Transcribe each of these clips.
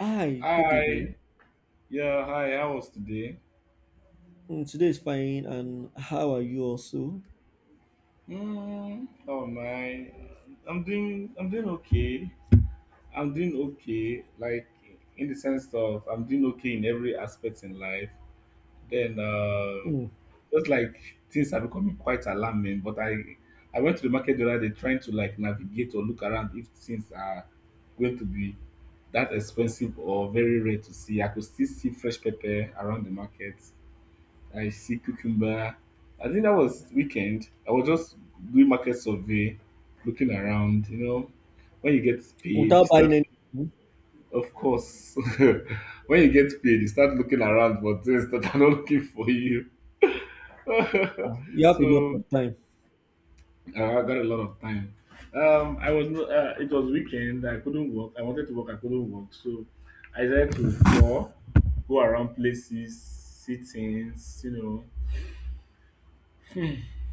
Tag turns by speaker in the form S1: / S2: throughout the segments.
S1: Hi, good evening.
S2: Hi. Yeah, hi. How was today?
S1: Mm, today is fine, and how are you also?
S2: Hmm. How am I? I'm doing okay. I'm doing okay. Like in the sense of I'm doing okay in every aspect in life. Then
S1: Mm,
S2: just like things are becoming quite alarming. I went to the market the other day trying to like navigate or look around if things are going to be that expensive or very rare to see. I could still see fresh pepper around the market. I see cucumber. I think that was weekend. I was just doing market survey, looking around. You know, when you get paid, you
S1: without buying
S2: start.
S1: anything,
S2: Of course, when you get paid, you start looking around for things that are not looking for you.
S1: ah, you have a lot
S2: so
S1: of time.
S2: I got a lot of time. I was it was weekend. I couldn't work. I wanted to work. I couldn't work. So I decided to go around places, see things. You know,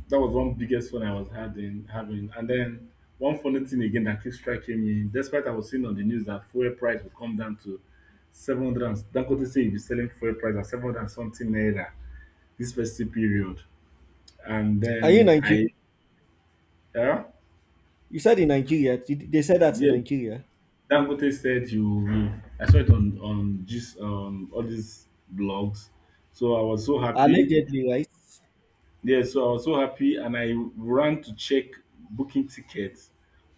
S2: that was one biggest fun I was having. And then one funny thing again that keeps striking me, despite I was seeing on the news that fuel price will come down to 700, and Dangote say he'll be selling fuel price at 700 and something naira this festive period. And
S1: Are you in
S2: then
S1: Nigeria?
S2: I yeah,
S1: You said in Nigeria. Did they said that in
S2: yeah,
S1: Nigeria.
S2: Dangote said you will, I saw it on just all these blogs. So I was so happy.
S1: Allegedly, right?
S2: Yeah, so I was so happy and I ran to check booking tickets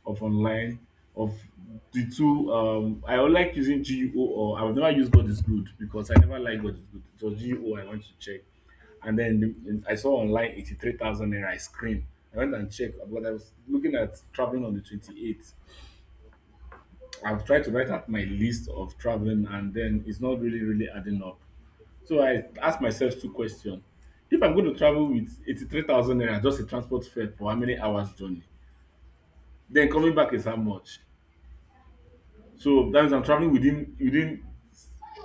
S2: of online of the two I would like using GUO, or I've never used God is good because I never like God is good. It was GUO I went to check. And then the, and I saw online 83,000 naira. I screamed. I went and checked. Oh, but I was looking at traveling on the 28th. I've tried to write out my list of traveling, and then it's not really, really adding up. So I ask myself two question. If I'm going to travel with 83,000 naira just in transport fare for how many hours journey, then coming back is how much? So that means I'm travelling within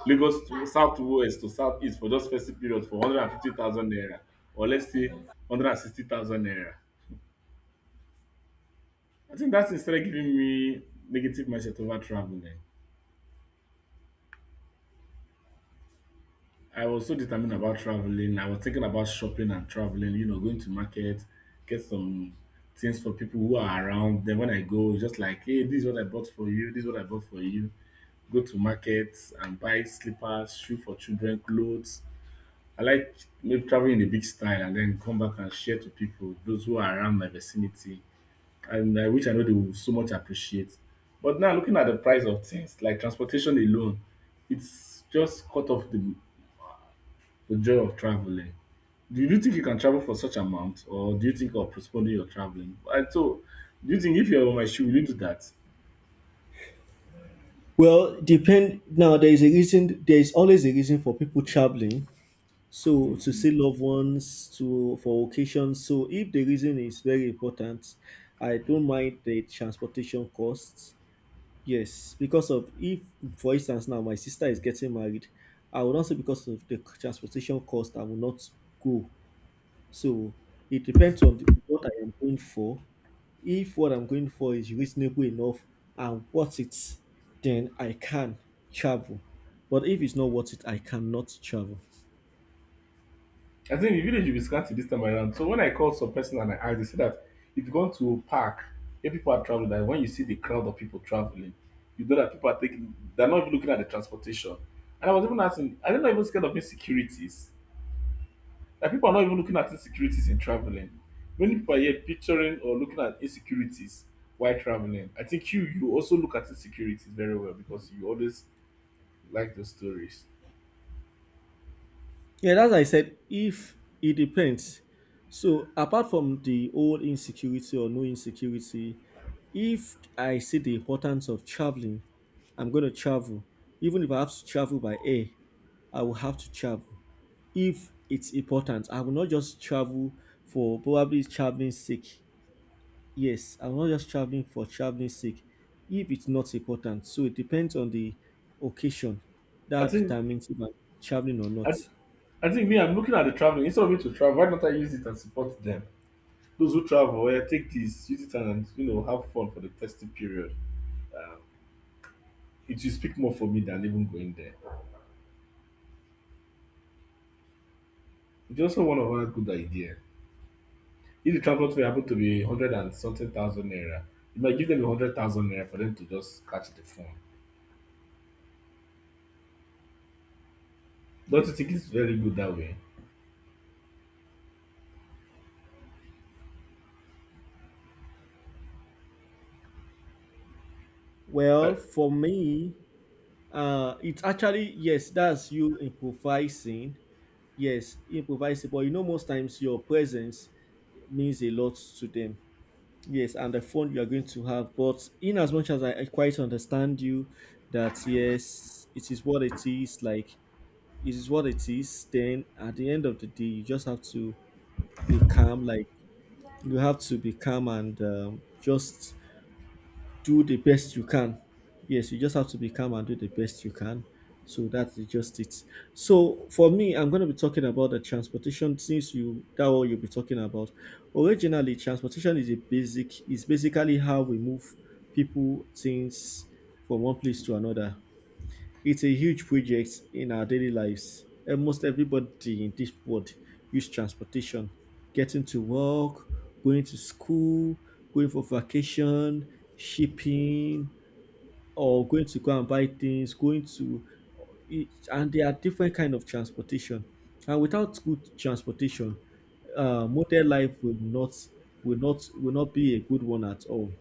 S2: Lagos to south west to south east for just festive period for 150,000 naira, or let's say 160,000 naira. I think that thing started giving me negative mindset over travelling. I was so determined about traveling. I was thinking about shopping and traveling, you know, going to market, get some things for people who are around. Then when I go, it's just like, hey, this is what I bought for you, this is what I bought for you. Go to markets and buy slippers, shoe for children, clothes. I like maybe traveling in a big style and then come back and share to people, those who are around my vicinity. And I wish I know they will so much appreciate. But now looking at the price of things, like transportation alone, it's just cut off the joy of traveling. Do you think you can travel for such amount, or do you think of postponing your traveling? Do you think if you're on my shoe, will you do that?
S1: Well, depend. Now, there is a reason. There is always a reason for people traveling. So to see loved ones, to for occasions. So if the reason is very important, I don't mind the transportation costs. Yes, because of if, for instance, now my sister is getting married, I would not say because of the transportation cost, I will not go. So it depends on the, what I am going for. If what I'm going for is reasonable enough and worth it, then I can travel. But if it's not worth it, I cannot travel.
S2: I think the village will be scanty this time around. So when I called some person and I asked, they said that if you go to a park, if people are traveling, that when you see the crowd of people traveling, you know that people are taking, they're not even looking at the transportation. And I was even asking, I they not even scared of insecurities? Like people are not even looking at insecurities in traveling. Many people are here picturing or looking at insecurities while traveling. I think you also look at insecurities very well because you always like those stories.
S1: Yeah, that's why I said if it depends. So apart from the old insecurity or no insecurity, if I see the importance of traveling, I'm gonna travel. Even if I have to travel by air, I will have to travel. If it's important, I will not just travel for probably traveling sake. Yes, I'm not just traveling for traveling sake if it's not important. So it depends on the occasion.
S2: I
S1: That
S2: think
S1: determines if I'm traveling or
S2: I,
S1: not.
S2: th- I think me I'm looking at the traveling instead of me to travel. Why don't I use it and support them? Those who travel, oh yeah, take this, use it and you know have fun for the festive period. It will speak more for me than even going there. It's also one of our good ideas. If the transport fare happen to be hundred and something thousand naira, you might give them a hundred thousand naira for them to just catch the phone. Don't you think it's very good that way?
S1: Well,
S2: I,
S1: for me, it's actually yes, that's you improvising. Yes, improvising. But you know, most times your presence means a lot to them. Yes, and the fun you are going to have. But in as much as I quite understand you, that yes, it is what it is. Like it is what it is. Then at the end of the day, you just have to be calm. Like you have to be calm and just do the best you can. Yes, you just have to be calm and do the best you can. So that's just it. So for me, I'm going to be talking about the transportation since you that what you'll be talking about. Originally, transportation is a basic is basically how we move people, things from one place to another. It's a huge project in our daily lives. Almost everybody in this world use transportation, getting to work, going to school, going for vacation, shipping, or going to go and buy things, going to eat. And there are different kind of transportation. And without good transportation, modern life will not be a good one at all.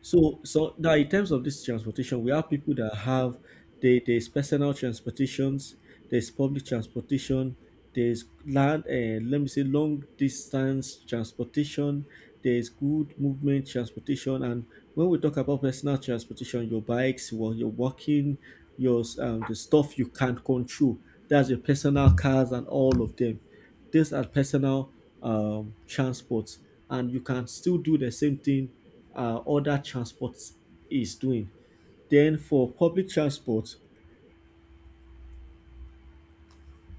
S1: So now in terms of this transportation, we have people that have there's personal transportations, there's public transportation, there's land, let me say long distance transportation, there's good movement transportation, and when we talk about personal transportation, your bikes, well, you're walking, your the stuff you can't control, that's your personal cars and all of them. These are personal transports, and you can still do the same thing other transport is doing. Then for public transport,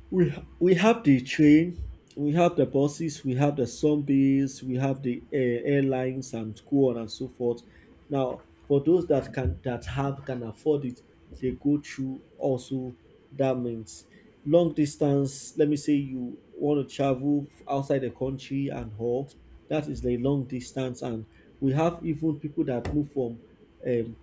S1: we we have the train, we have the buses, we have the zombies, we have the airlines, and go on and so forth. Now, for those that can that have can afford it, they go through also that means long distance. Let me say you want to travel outside the country and all that is the long distance, and we have even people that move from um,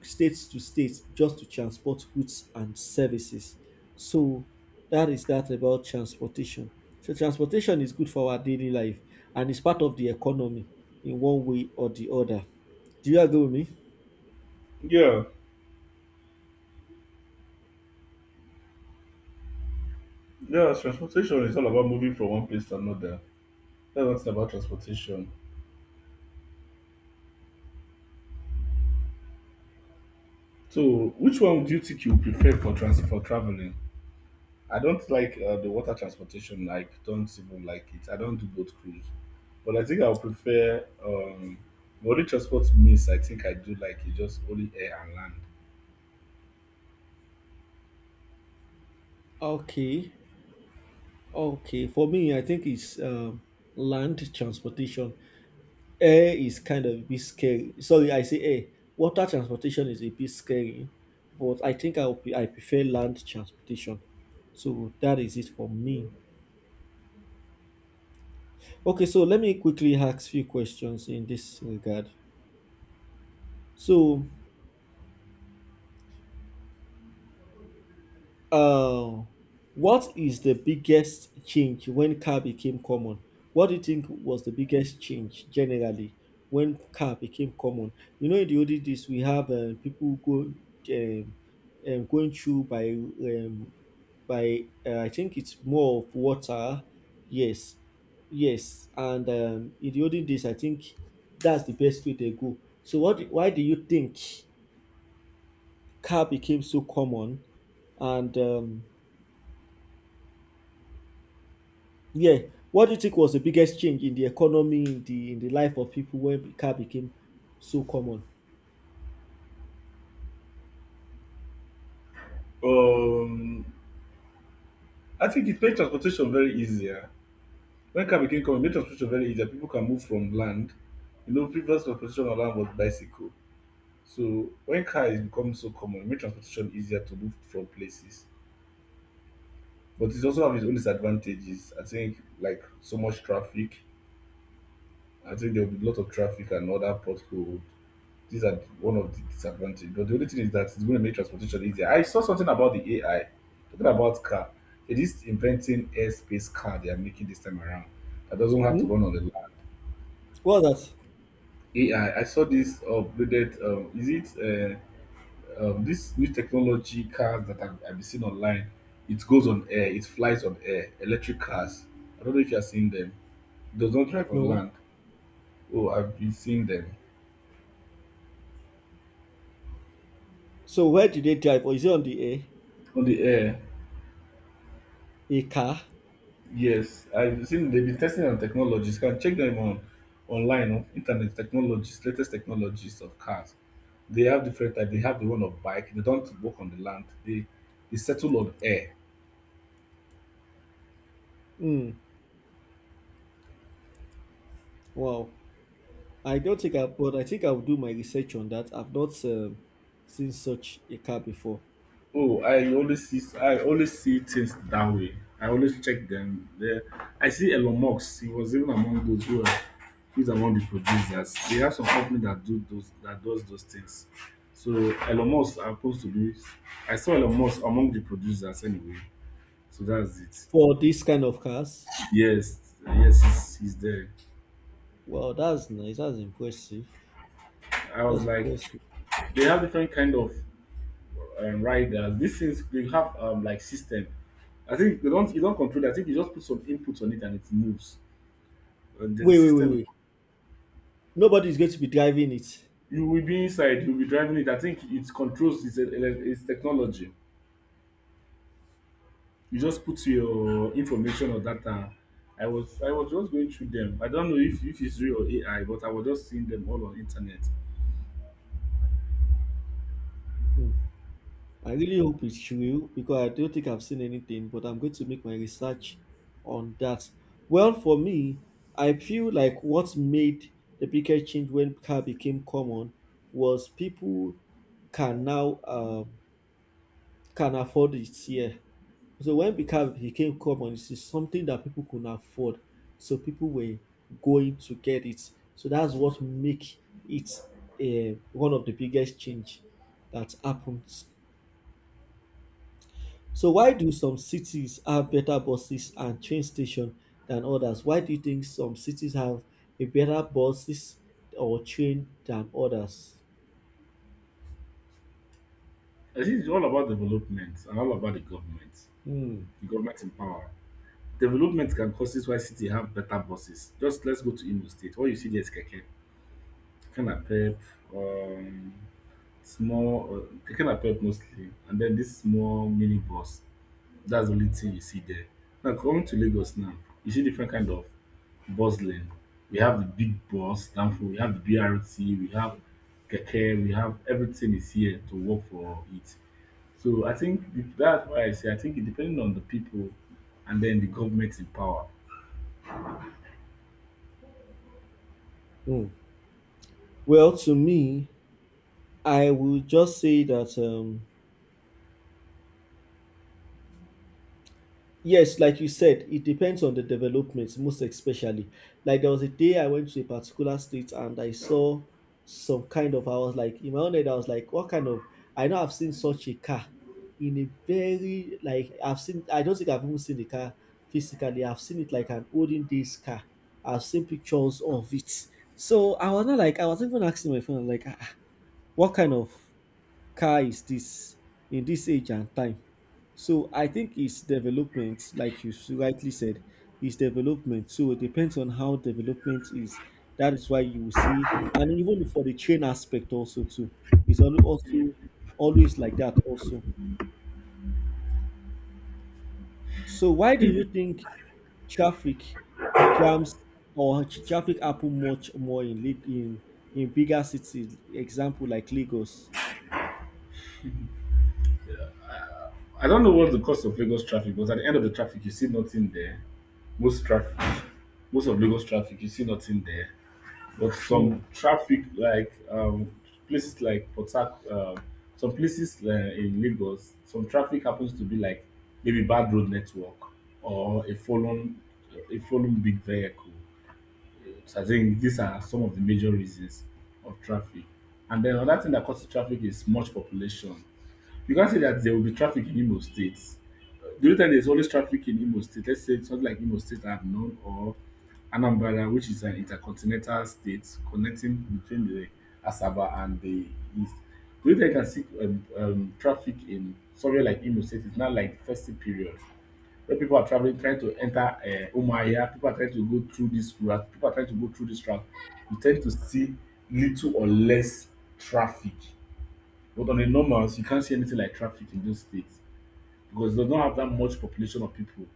S1: state to state just to transport goods and services. So that is that about transportation. So transportation is good for our daily life and it's part of the economy in one way or the other. Do you agree with me?
S2: yeah, yeah. Transportation is all about moving from one place to another. That's one about transportation. So, which one do you think you prefer for trans for traveling? I don't like the water transportation. Like, don't even like it. I don't do boat cruise, but I think I'll prefer the only transport means I think I do like is just only air and land.
S1: Okay, okay. For me, I think it's land transportation. Air is kind of a bit scary. Sorry, I say air. Water transportation is a bit scary, but I think I prefer land transportation. So that is it for me. Okay, so let me quickly ask few questions in this regard. So, Uh, what is the biggest change when car became common? What do you think was the biggest change generally when car became common? You know, in the olden days, we have people go um, going through by I think it's more of water. Yes, yes, and in the olden days, I think that's the best way they go. So, what? Why do you think car became so common? And Yeah. What do you think was the biggest change in the economy, in the life of people when car became so common?
S2: Um, I think it made transportation very easier. When car became common, it made transportation very easier. People can move from land. You know, previous transportation on land was bicycle. So when car is becoming so common, it made transportation easier to move from places. But it also have its own disadvantages. I think like so much traffic. I think there will be a lot of traffic and other potholes. These are one of the disadvantages. But the only thing is that it's going to make transportation easier. I saw something about the AI talking about car. It is inventing airspace car they are making this time around that doesn't have to
S1: Hmm?
S2: run on the land.
S1: What was that?
S2: AI. I saw this upgraded. Is it this new technology cars that I've been seen online? It goes on air. It flies on air. Electric cars. I don't know if you are seeing them. It does not drive on
S1: No.
S2: land. Oh, I've been seeing them
S1: So where did they drive? Or is it on the air?
S2: on the air.
S1: A car?
S2: Yes, I've seen they've been testing on technologies. Can check them on online on internet technologies, latest technologies of cars. They have different type. They have the one of bike. They don't work on the land. They settle on air.
S1: Hmm. Wow. I don't think but I think I will do my research on that. I've not seen such a car before.
S2: Oh, I always see things that way. I always check them. There, I see Elon Musk. He was even among those who are he's among the producers. They have some company that do those that does those things. So Elon Musk happens to be I saw Elon Musk among the producers anyway. So that's it.
S1: For this kind of cars,
S2: Yes, yes, he's there.
S1: wow, that's nice. That's impressive.
S2: I was
S1: That's
S2: like,
S1: impressive.
S2: they have different kind of riders. This is they have like system. I think they don't you don't control it. I think you just put some input on it and it moves. And there's a
S1: Wait, wait, wait,
S2: system.
S1: wait. Nobody's going to be driving it.
S2: You will be inside. You'll be driving it. I think it controls its technology. You just put your information or data. I was just going through them. I don't know if it's real or AI, but I was just seeing them all on internet.
S1: Hmm. I really hope it's true because I don't think I've seen anything, but I'm going to make my research on that. Well, for me, I feel like what made the biggest change when car became common was people can now can afford it here. So when the car became common, it is something that people could afford. So people were going to get it. So that's what make it one of the biggest change that happened. So why do some cities have better buses and train station than others? Why do you think some cities have a better buses or train than others?
S2: I think it's all about development and all about the government.
S1: Hmm.
S2: Government in power. Development can cause this. Why city have better buses. Just let's go to Imo State. What you see there is Keke Pep, um, small, uh, Keke Napep mostly, and then this small mini bus. That's the only thing you see there. Now coming to Lagos now, you see different kind of bus lane. We have the big bus, Danfo, we have the BRT, we have Keke, we have everything is here to work for it. So that's why I say I think it depending on the people and then the government in power.
S1: Hmm. Well, to me, I would just say that yes, like you said, it depends on the developments, most especially. Like there was a day I went to a particular state and I saw some kind of, I was like, in my own head, I was like, what kind of, I know I've seen such a car in a very, like, I've seen, I don't think I've even seen the car physically. I've seen it like an olden days car. I've seen pictures of it. So I was not like, I was even asking my friend, like, what kind of car is this in this age and time. So I think it's development, like you s- rightly said, is development. So it depends on how development is. That is why you will see, and even for the train aspect also too, is al- also always like that also. So why do you think traffic jams or ch- traffic happen much more in Lag- in bigger cities? Example like Lagos.
S2: I don't know what's the cost of Lagos traffic, but at the end of the traffic, you see nothing there. Most traffic, most of Lagos traffic, you see nothing there. But
S1: Hmm.
S2: some traffic, like places like some places in Lagos, some traffic happens to be like maybe bad road network or a fallen big vehicle. So I think these are some of the major reasons of traffic. And then another thing that causes traffic is much population. You can't say that there will be traffic in Imo State. The only time there's always traffic in Imo State, let's say something like Imo State I've known or Anambra, which is an intercontinental state connecting between the Asaba and the East. The only time you can see traffic in somewhere like Imo State is not like festive period. Where people are traveling trying to enter Umuahia, people are trying to go through this route, people are trying to go through this route, you tend to see little or less traffic. But on the normals, you can't see anything like traffic in those states because they don't have that much population of people.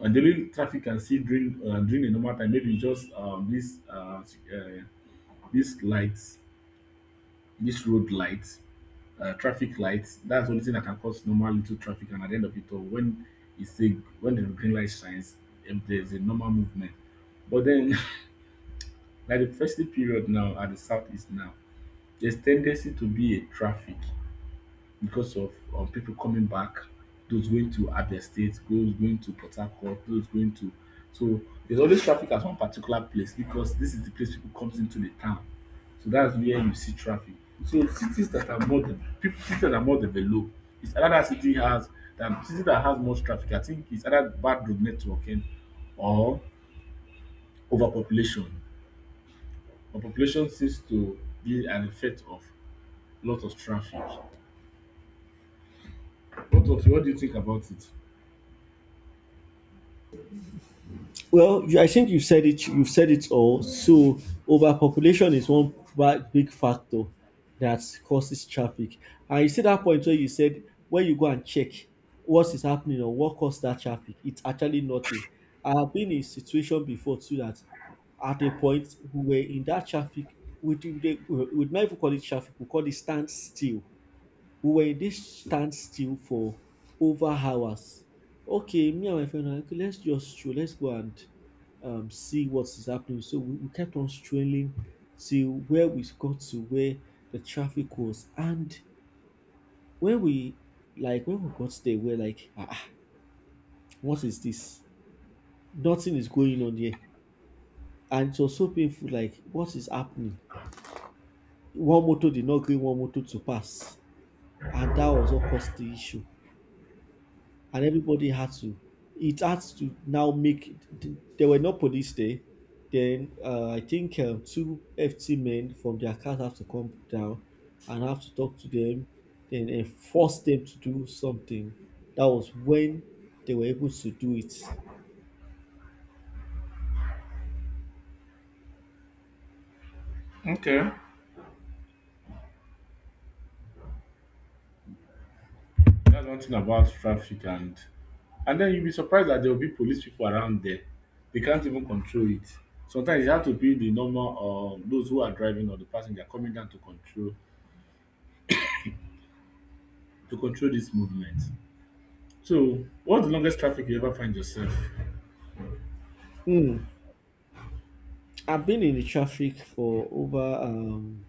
S2: And the only traffic you can see during the normal time, maybe just this uh, these lights, this road lights traffic lights. That's the only thing that can cause normal little traffic. And at the end of it all, it's a, when the green light shines, there's a normal movement. But then, like the festive period now at the southeast now, there's tendency to be a traffic because of people coming back, those going to Abia State, those going to Port Harcourt, those going to so there's always traffic at one particular place because this is the place people comes into the town. So that's where you see traffic. So cities that are more people cities that are more developed, it's another city has that city that has much traffic. I think it's either bad road networking or overpopulation. Overpopulation seems to be an effect of lot of traffic. What do you think about it?
S1: Well, I think you said it. You've said it all. So overpopulation is one ba- big factor that causes traffic. And you see that point where you said when you go and check what is happening or what caused that traffic, it's actually nothing. I have been in a situation before too that at a point we were in that traffic. We would not even call it traffic. We call it standstill. We were in this standstill for over hours. Okay, me and my friend, okay, let's just stroll, let's go and see what is happening. So we kept on strolling till where we got to where the traffic was. And when we like when we got there, we're like, what is this? Nothing is going on here. And it was so painful, like, what is happening? One motor did not gree one motor to pass. And that was what caused the issue. And everybody had to, now make, there were no police there. Then I think two ft men from their cars have to come down and have to talk to them, then enforce them to do something. That was when they were able to do it.
S2: Okay. That's one thing about traffic, and then you'll be surprised that there will be police people around there. They can't even control it. Sometimes you have to be the normal those who are driving or the passenger coming down to control this movement. So what's the longest traffic you ever find yourself?
S1: Hmm. I've been in the traffic for over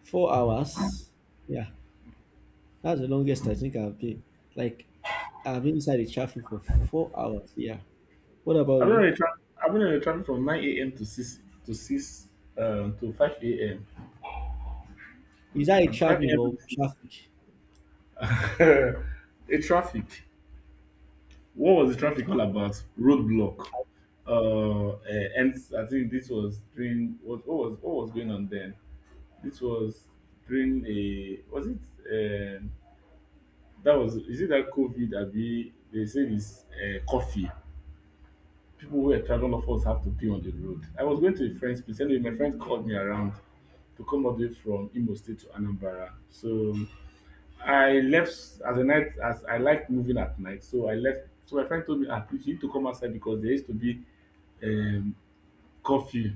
S1: 4 hours. Yeah, that's the longest I think I've been. Like I've been inside the traffic for 4 hours. Yeah, what about
S2: I've been on
S1: you?
S2: a tra- I've been on a traffic from 9 AM to six to 5 AM.
S1: Is that a
S2: I'm five
S1: traveling
S2: AM
S1: or
S2: to six.
S1: traffic?
S2: a traffic. What was the traffic all about? Roadblock. Uh, uh, and I think this was during what was going on then. This was during, a, was it, um that was, is it that COVID? Abi, they say this coffee. People who were traveling, all of us have to pay on the road. I was going to a friend's place. Anyway, my friend called me around to come all the way from Imo State to Anambra. So I left as a night, as I like moving at night, so I left. So my friend told me, ah, please, you need to come outside because there used to be um, curfew,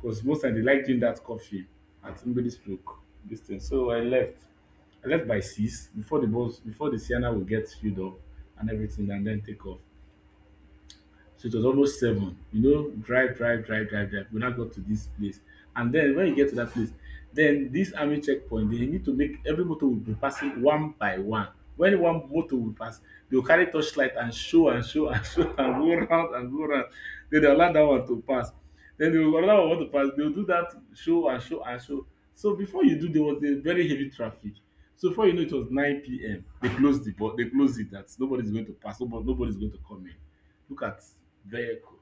S2: because most time they like doing that curfew at somebody's stroke this thing. So I left. I left by six, before the bus, before the Sienna will get filled up and everything and then take off. So it was almost seven. You know, drive, drive, drive, drive, drive. We now got to this place. And then when you get to that place, then this army checkpoint, they need to make every motor will be passing one by one. When one motor will pass, they'll carry torchlight and show and show and show and go round and go round. Then they'll allow that one to pass. Then they will allow one to pass. They'll do that show and show and show. So before you do, there was a very heavy traffic. So before you know, it was 9 p.m. They closed it that nobody's going to pass, nobody, nobody's going to come in. Look at vehicle.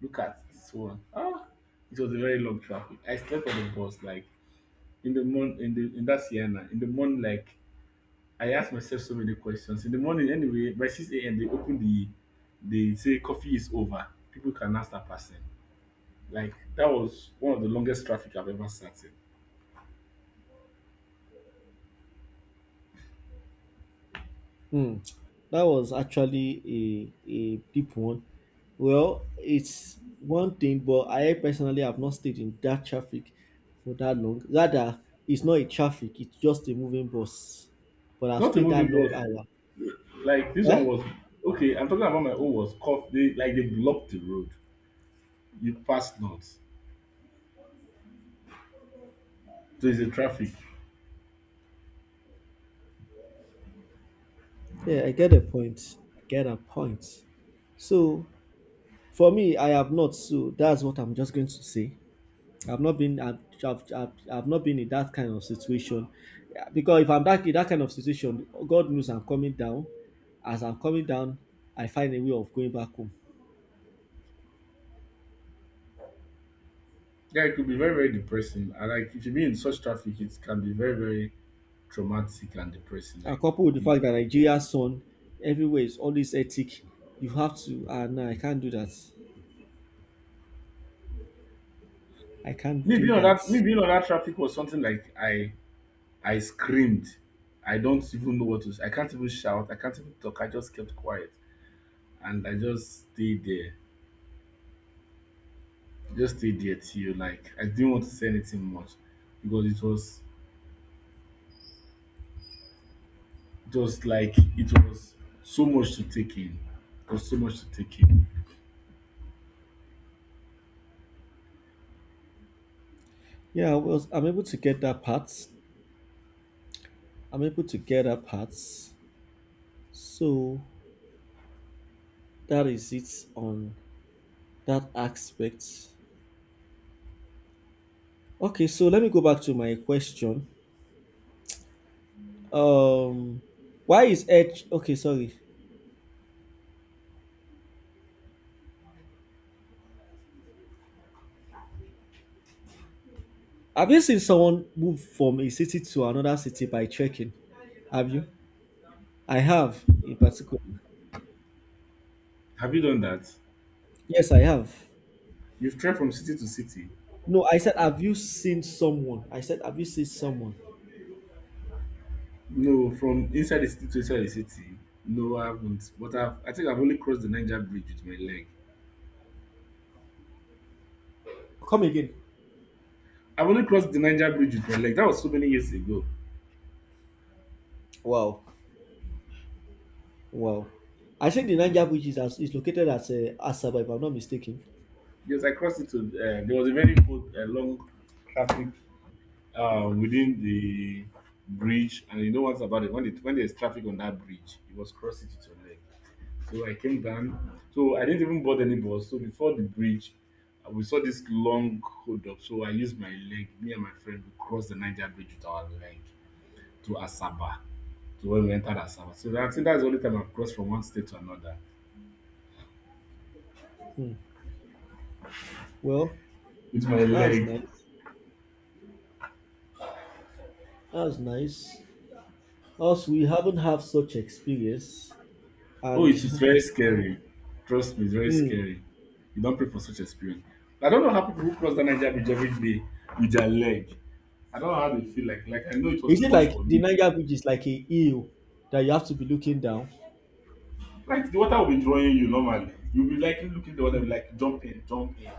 S2: Look at this one. Ah, it was a very long traffic. I slept on the bus, like in the morning, in that Sienna. In the morning, like I asked myself so many questions. In the morning, anyway, by 6 a.m. they open the they say coffee is over. People can now start passing. Like that was one of the longest traffic I've ever sat in.
S1: Hmm. That was actually a deep one. Well, it's one thing, but I personally have not stayed in that traffic for that long. Rather, it's not a traffic, it's just a moving bus. But I've
S2: Not a
S1: stayed that
S2: moving
S1: long
S2: bus.
S1: hour.
S2: Like this one
S1: Eh?
S2: was okay. I'm talking about my own was cough. They blocked the road. You pass not. So it's a traffic.
S1: Yeah, I get a point. I get a point. So for me, I have not. So that's what I'm just going to say. I've not been I've, I've not been in that kind of situation. Yeah, because if I'm that in that kind of situation, God knows I'm coming down. As I'm coming down, I find a way of going back home.
S2: Yeah, it could be very, very depressing. And like if you be in such traffic, it can be very, very traumatic and depressing.
S1: And
S2: Like
S1: coupled with the
S2: the
S1: fact that Nigeria's sun everywhere is always ethic, you have to. Ah, no, I can't do that. I can't
S2: me
S1: do
S2: being on
S1: that.
S2: that me being on that traffic was something, like I screamed. I don't even know what to say. I can't even shout. I can't even talk. I just kept quiet. And I just stayed there. Just stayed there till, like, I didn't want to say anything much because it was so much to take in. It was so much to take in.
S1: Yeah, I'm able to get that part. I'm able to get that part. So that is it on that aspect. Okay, so let me go back to my question. Um, why is Edge okay? Sorry, have you seen someone move from a city to another city by trekking? Have you? I have, in particular.
S2: Have you done that?
S1: Yes, I have.
S2: You've traveled from city to city.
S1: No, I said, have you seen someone? I said, have you seen someone?
S2: No, from inside the city to inside the city, no, I haven't. But I think I've only crossed the Niger Bridge with my leg.
S1: Come again.
S2: I've only crossed the Niger Bridge with my leg. That was so many years ago.
S1: Wow, wow. I think the Niger Bridge is, as, is located at Asaba, if I'm not mistaken.
S2: Yes, I crossed it. There was a very good, long traffic within the bridge, and you know what's about it. When there's traffic on that bridge, you must cross it with your leg. So I came down. So I didn't even board any bus. So before the bridge, we saw this long hold up. So I used my leg. Me and my friend, we crossed the Niger Bridge with our leg, to Asaba, to when we entered Asaba. So that, I think that's the only time I've crossed from one state to another
S1: Well,
S2: with my
S1: that's
S2: leg.
S1: nice. That's nice. Us, we haven't had such experience,
S2: Oh, it
S1: and
S2: was very scary. Trust me, it's very
S1: Hmm.
S2: scary. You don't pray for such experience. I don't know how people who cross that Niger Bridge every day with their leg. I don't know how they feel like. Like I know it
S1: Is
S2: was
S1: it
S2: much
S1: like
S2: for
S1: the
S2: me.
S1: Niger Bridge is like a hill that you have to be looking down?
S2: Like the water will be drawing you normally. You'll be like looking at the water,
S1: Mm.
S2: like jump in, jump in.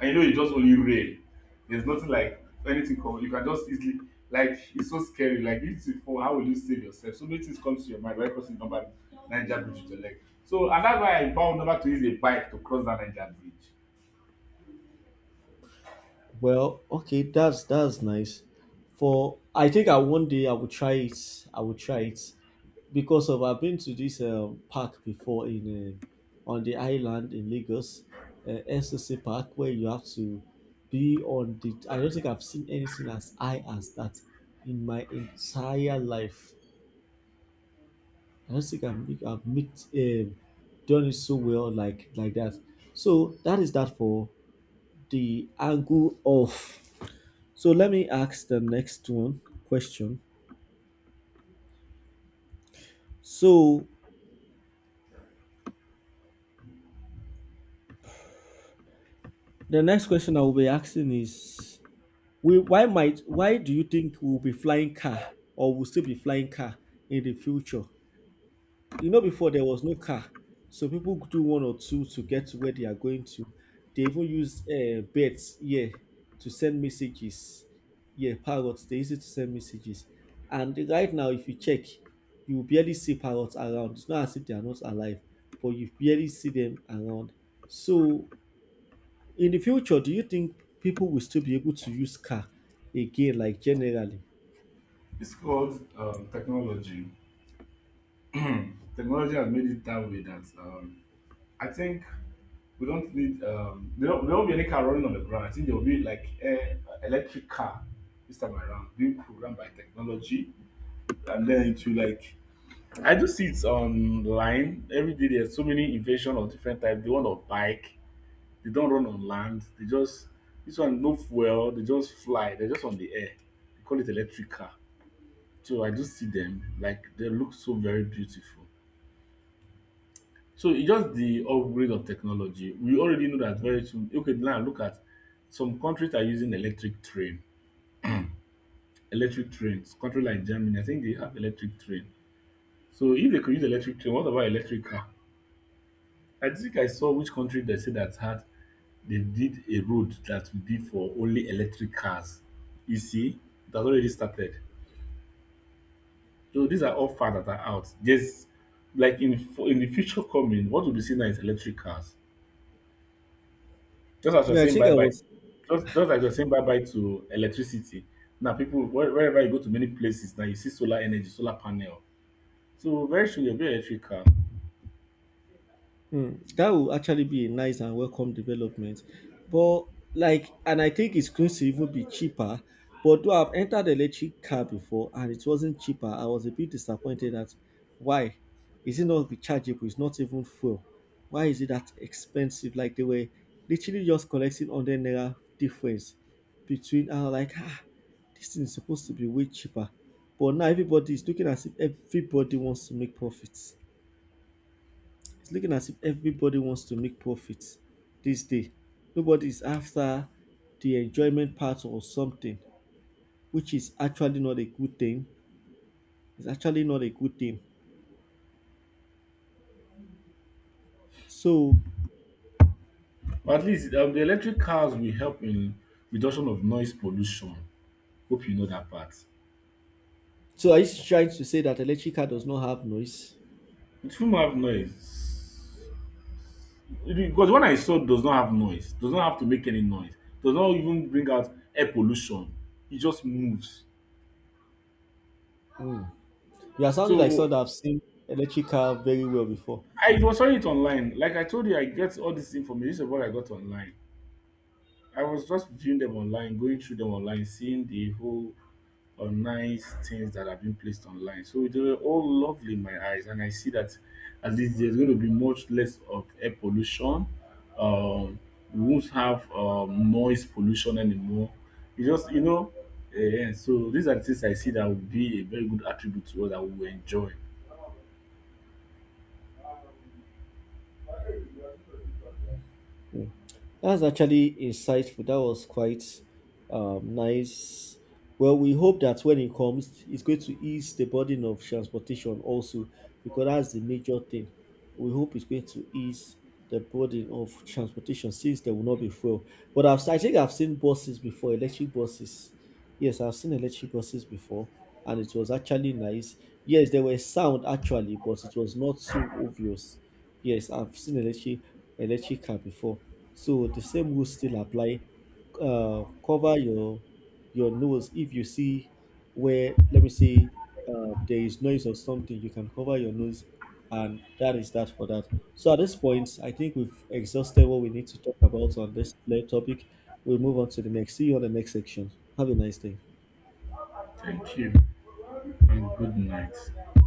S2: And you know it's just only rain. There's nothing like anything come. You can just easily, like, it's so scary. Like this before, how will you save yourself? So many things come to your mind when crossing number Niger Bridge with your leg. So and that's why I vowed never to use a bike to cross that Niger Bridge.
S1: Well, okay, that's nice. For I think I one day I will try it. I will try it because of I've been to this park before in on the island in Lagos, SOC Park, where you have to be on the. I don't think I've seen anything as high as that in my entire life. I don't I've mixed, done it so well like that. So that is that for the angle of. So let me ask the next one question. So the next question I will be asking is, we why might why do you think we'll be flying car or will still be flying car in the future? You know, before there was no car, so people do one or two to get to where they are going to. They even use birds, yeah, to send messages. Yeah, parrots, they use it to send messages. And right now, if you check, you will barely see parrots around. It's not as if they are not alive, but you barely see them around. So in the future, do you think people will still be able to use car again, like generally?
S2: It's called technology. Technology has made it that way that, I think we don't need there won't be any car running on the ground. I think there will be like a electric car this time around, being programmed by technology, and then it will like I do see it online every day. There's so many invasion of different types. They want on bike. They don't run on land. They just this one no fuel. They just fly. They're just on the air. They call it electric car. So I just see them. Like they look so very beautiful. So it's just the upgrade of technology. We already know that very soon. Okay, now look at, some countries are using electric train. Electric trains. Country like Germany, I think they have electric train. So if they could use electric train, what about electric car? I think I saw which country they said that had they did a road that will be for only electric cars. You see, it has already started. So these are all far that are out. Just like in the future coming, what will be seen now is electric cars. Just as you are
S1: Yeah, i
S2: saying
S1: think
S2: bye
S1: i
S2: bye,
S1: was
S2: just like you're saying bye bye to electricity. Now people wherever you go to many places now you see solar energy, solar panel. So very soon you'll be electric car.
S1: Mm, that will actually be a nice and welcome development. But like, and I think it's going to even be cheaper. But though I've entered electric car before and it wasn't cheaper, I was a bit disappointed at why is it not rechargeable? It's not even full. Why is it that expensive? Like they were literally just collecting 100 naira difference between. I was like, ah, this thing is supposed to be way cheaper. But now everybody is looking as if everybody wants to make profits. It's looking as if everybody wants to make profits these days. Nobody is after the enjoyment part or something, which is actually not a good thing. It's actually not a good thing. So,
S2: But at least the electric cars will help in reduction of noise pollution. Hope you know that part.
S1: so are you trying to say that electric car does not have noise?
S2: The film have noise. Because when I saw does not have noise, does not have to make any noise, does not even bring out air pollution. It just moves.
S1: You are sounding like someone
S2: So
S1: that have seen electric car very well before.
S2: I was saw it online. Like I told you, I get all this information. This is what I got online. I was just viewing them online, going through them online, seeing the whole or nice things that have been placed online. So they were all lovely in my eyes, and I see that at least there's going to be much less of air pollution. Um, we won't have noise pollution anymore. You just you know, eh, and so these are the things I see that would be a very good attribute to us that we will enjoy.
S1: That's actually insightful. That was quite nice. Well, we hope that when it comes, it's going to ease the burden of transportation also, because that's the major thing. We hope it's going to ease the burden of transportation since there will not be fuel. I think I've seen buses before, electric buses. Yes, I've seen electric buses before, and it was actually nice. Yes, there were sound actually, but it was not so obvious. Yes, I've seen electric car before, so the same rules still apply. Cover your nose if you see where, let me say, there is noise or something. You can cover your nose, and that is that for that. So at this point, I think we've exhausted what we need to talk about on topic. We'll move on to the next. See you on the next section. Have a nice day.
S2: Thank you, and good night.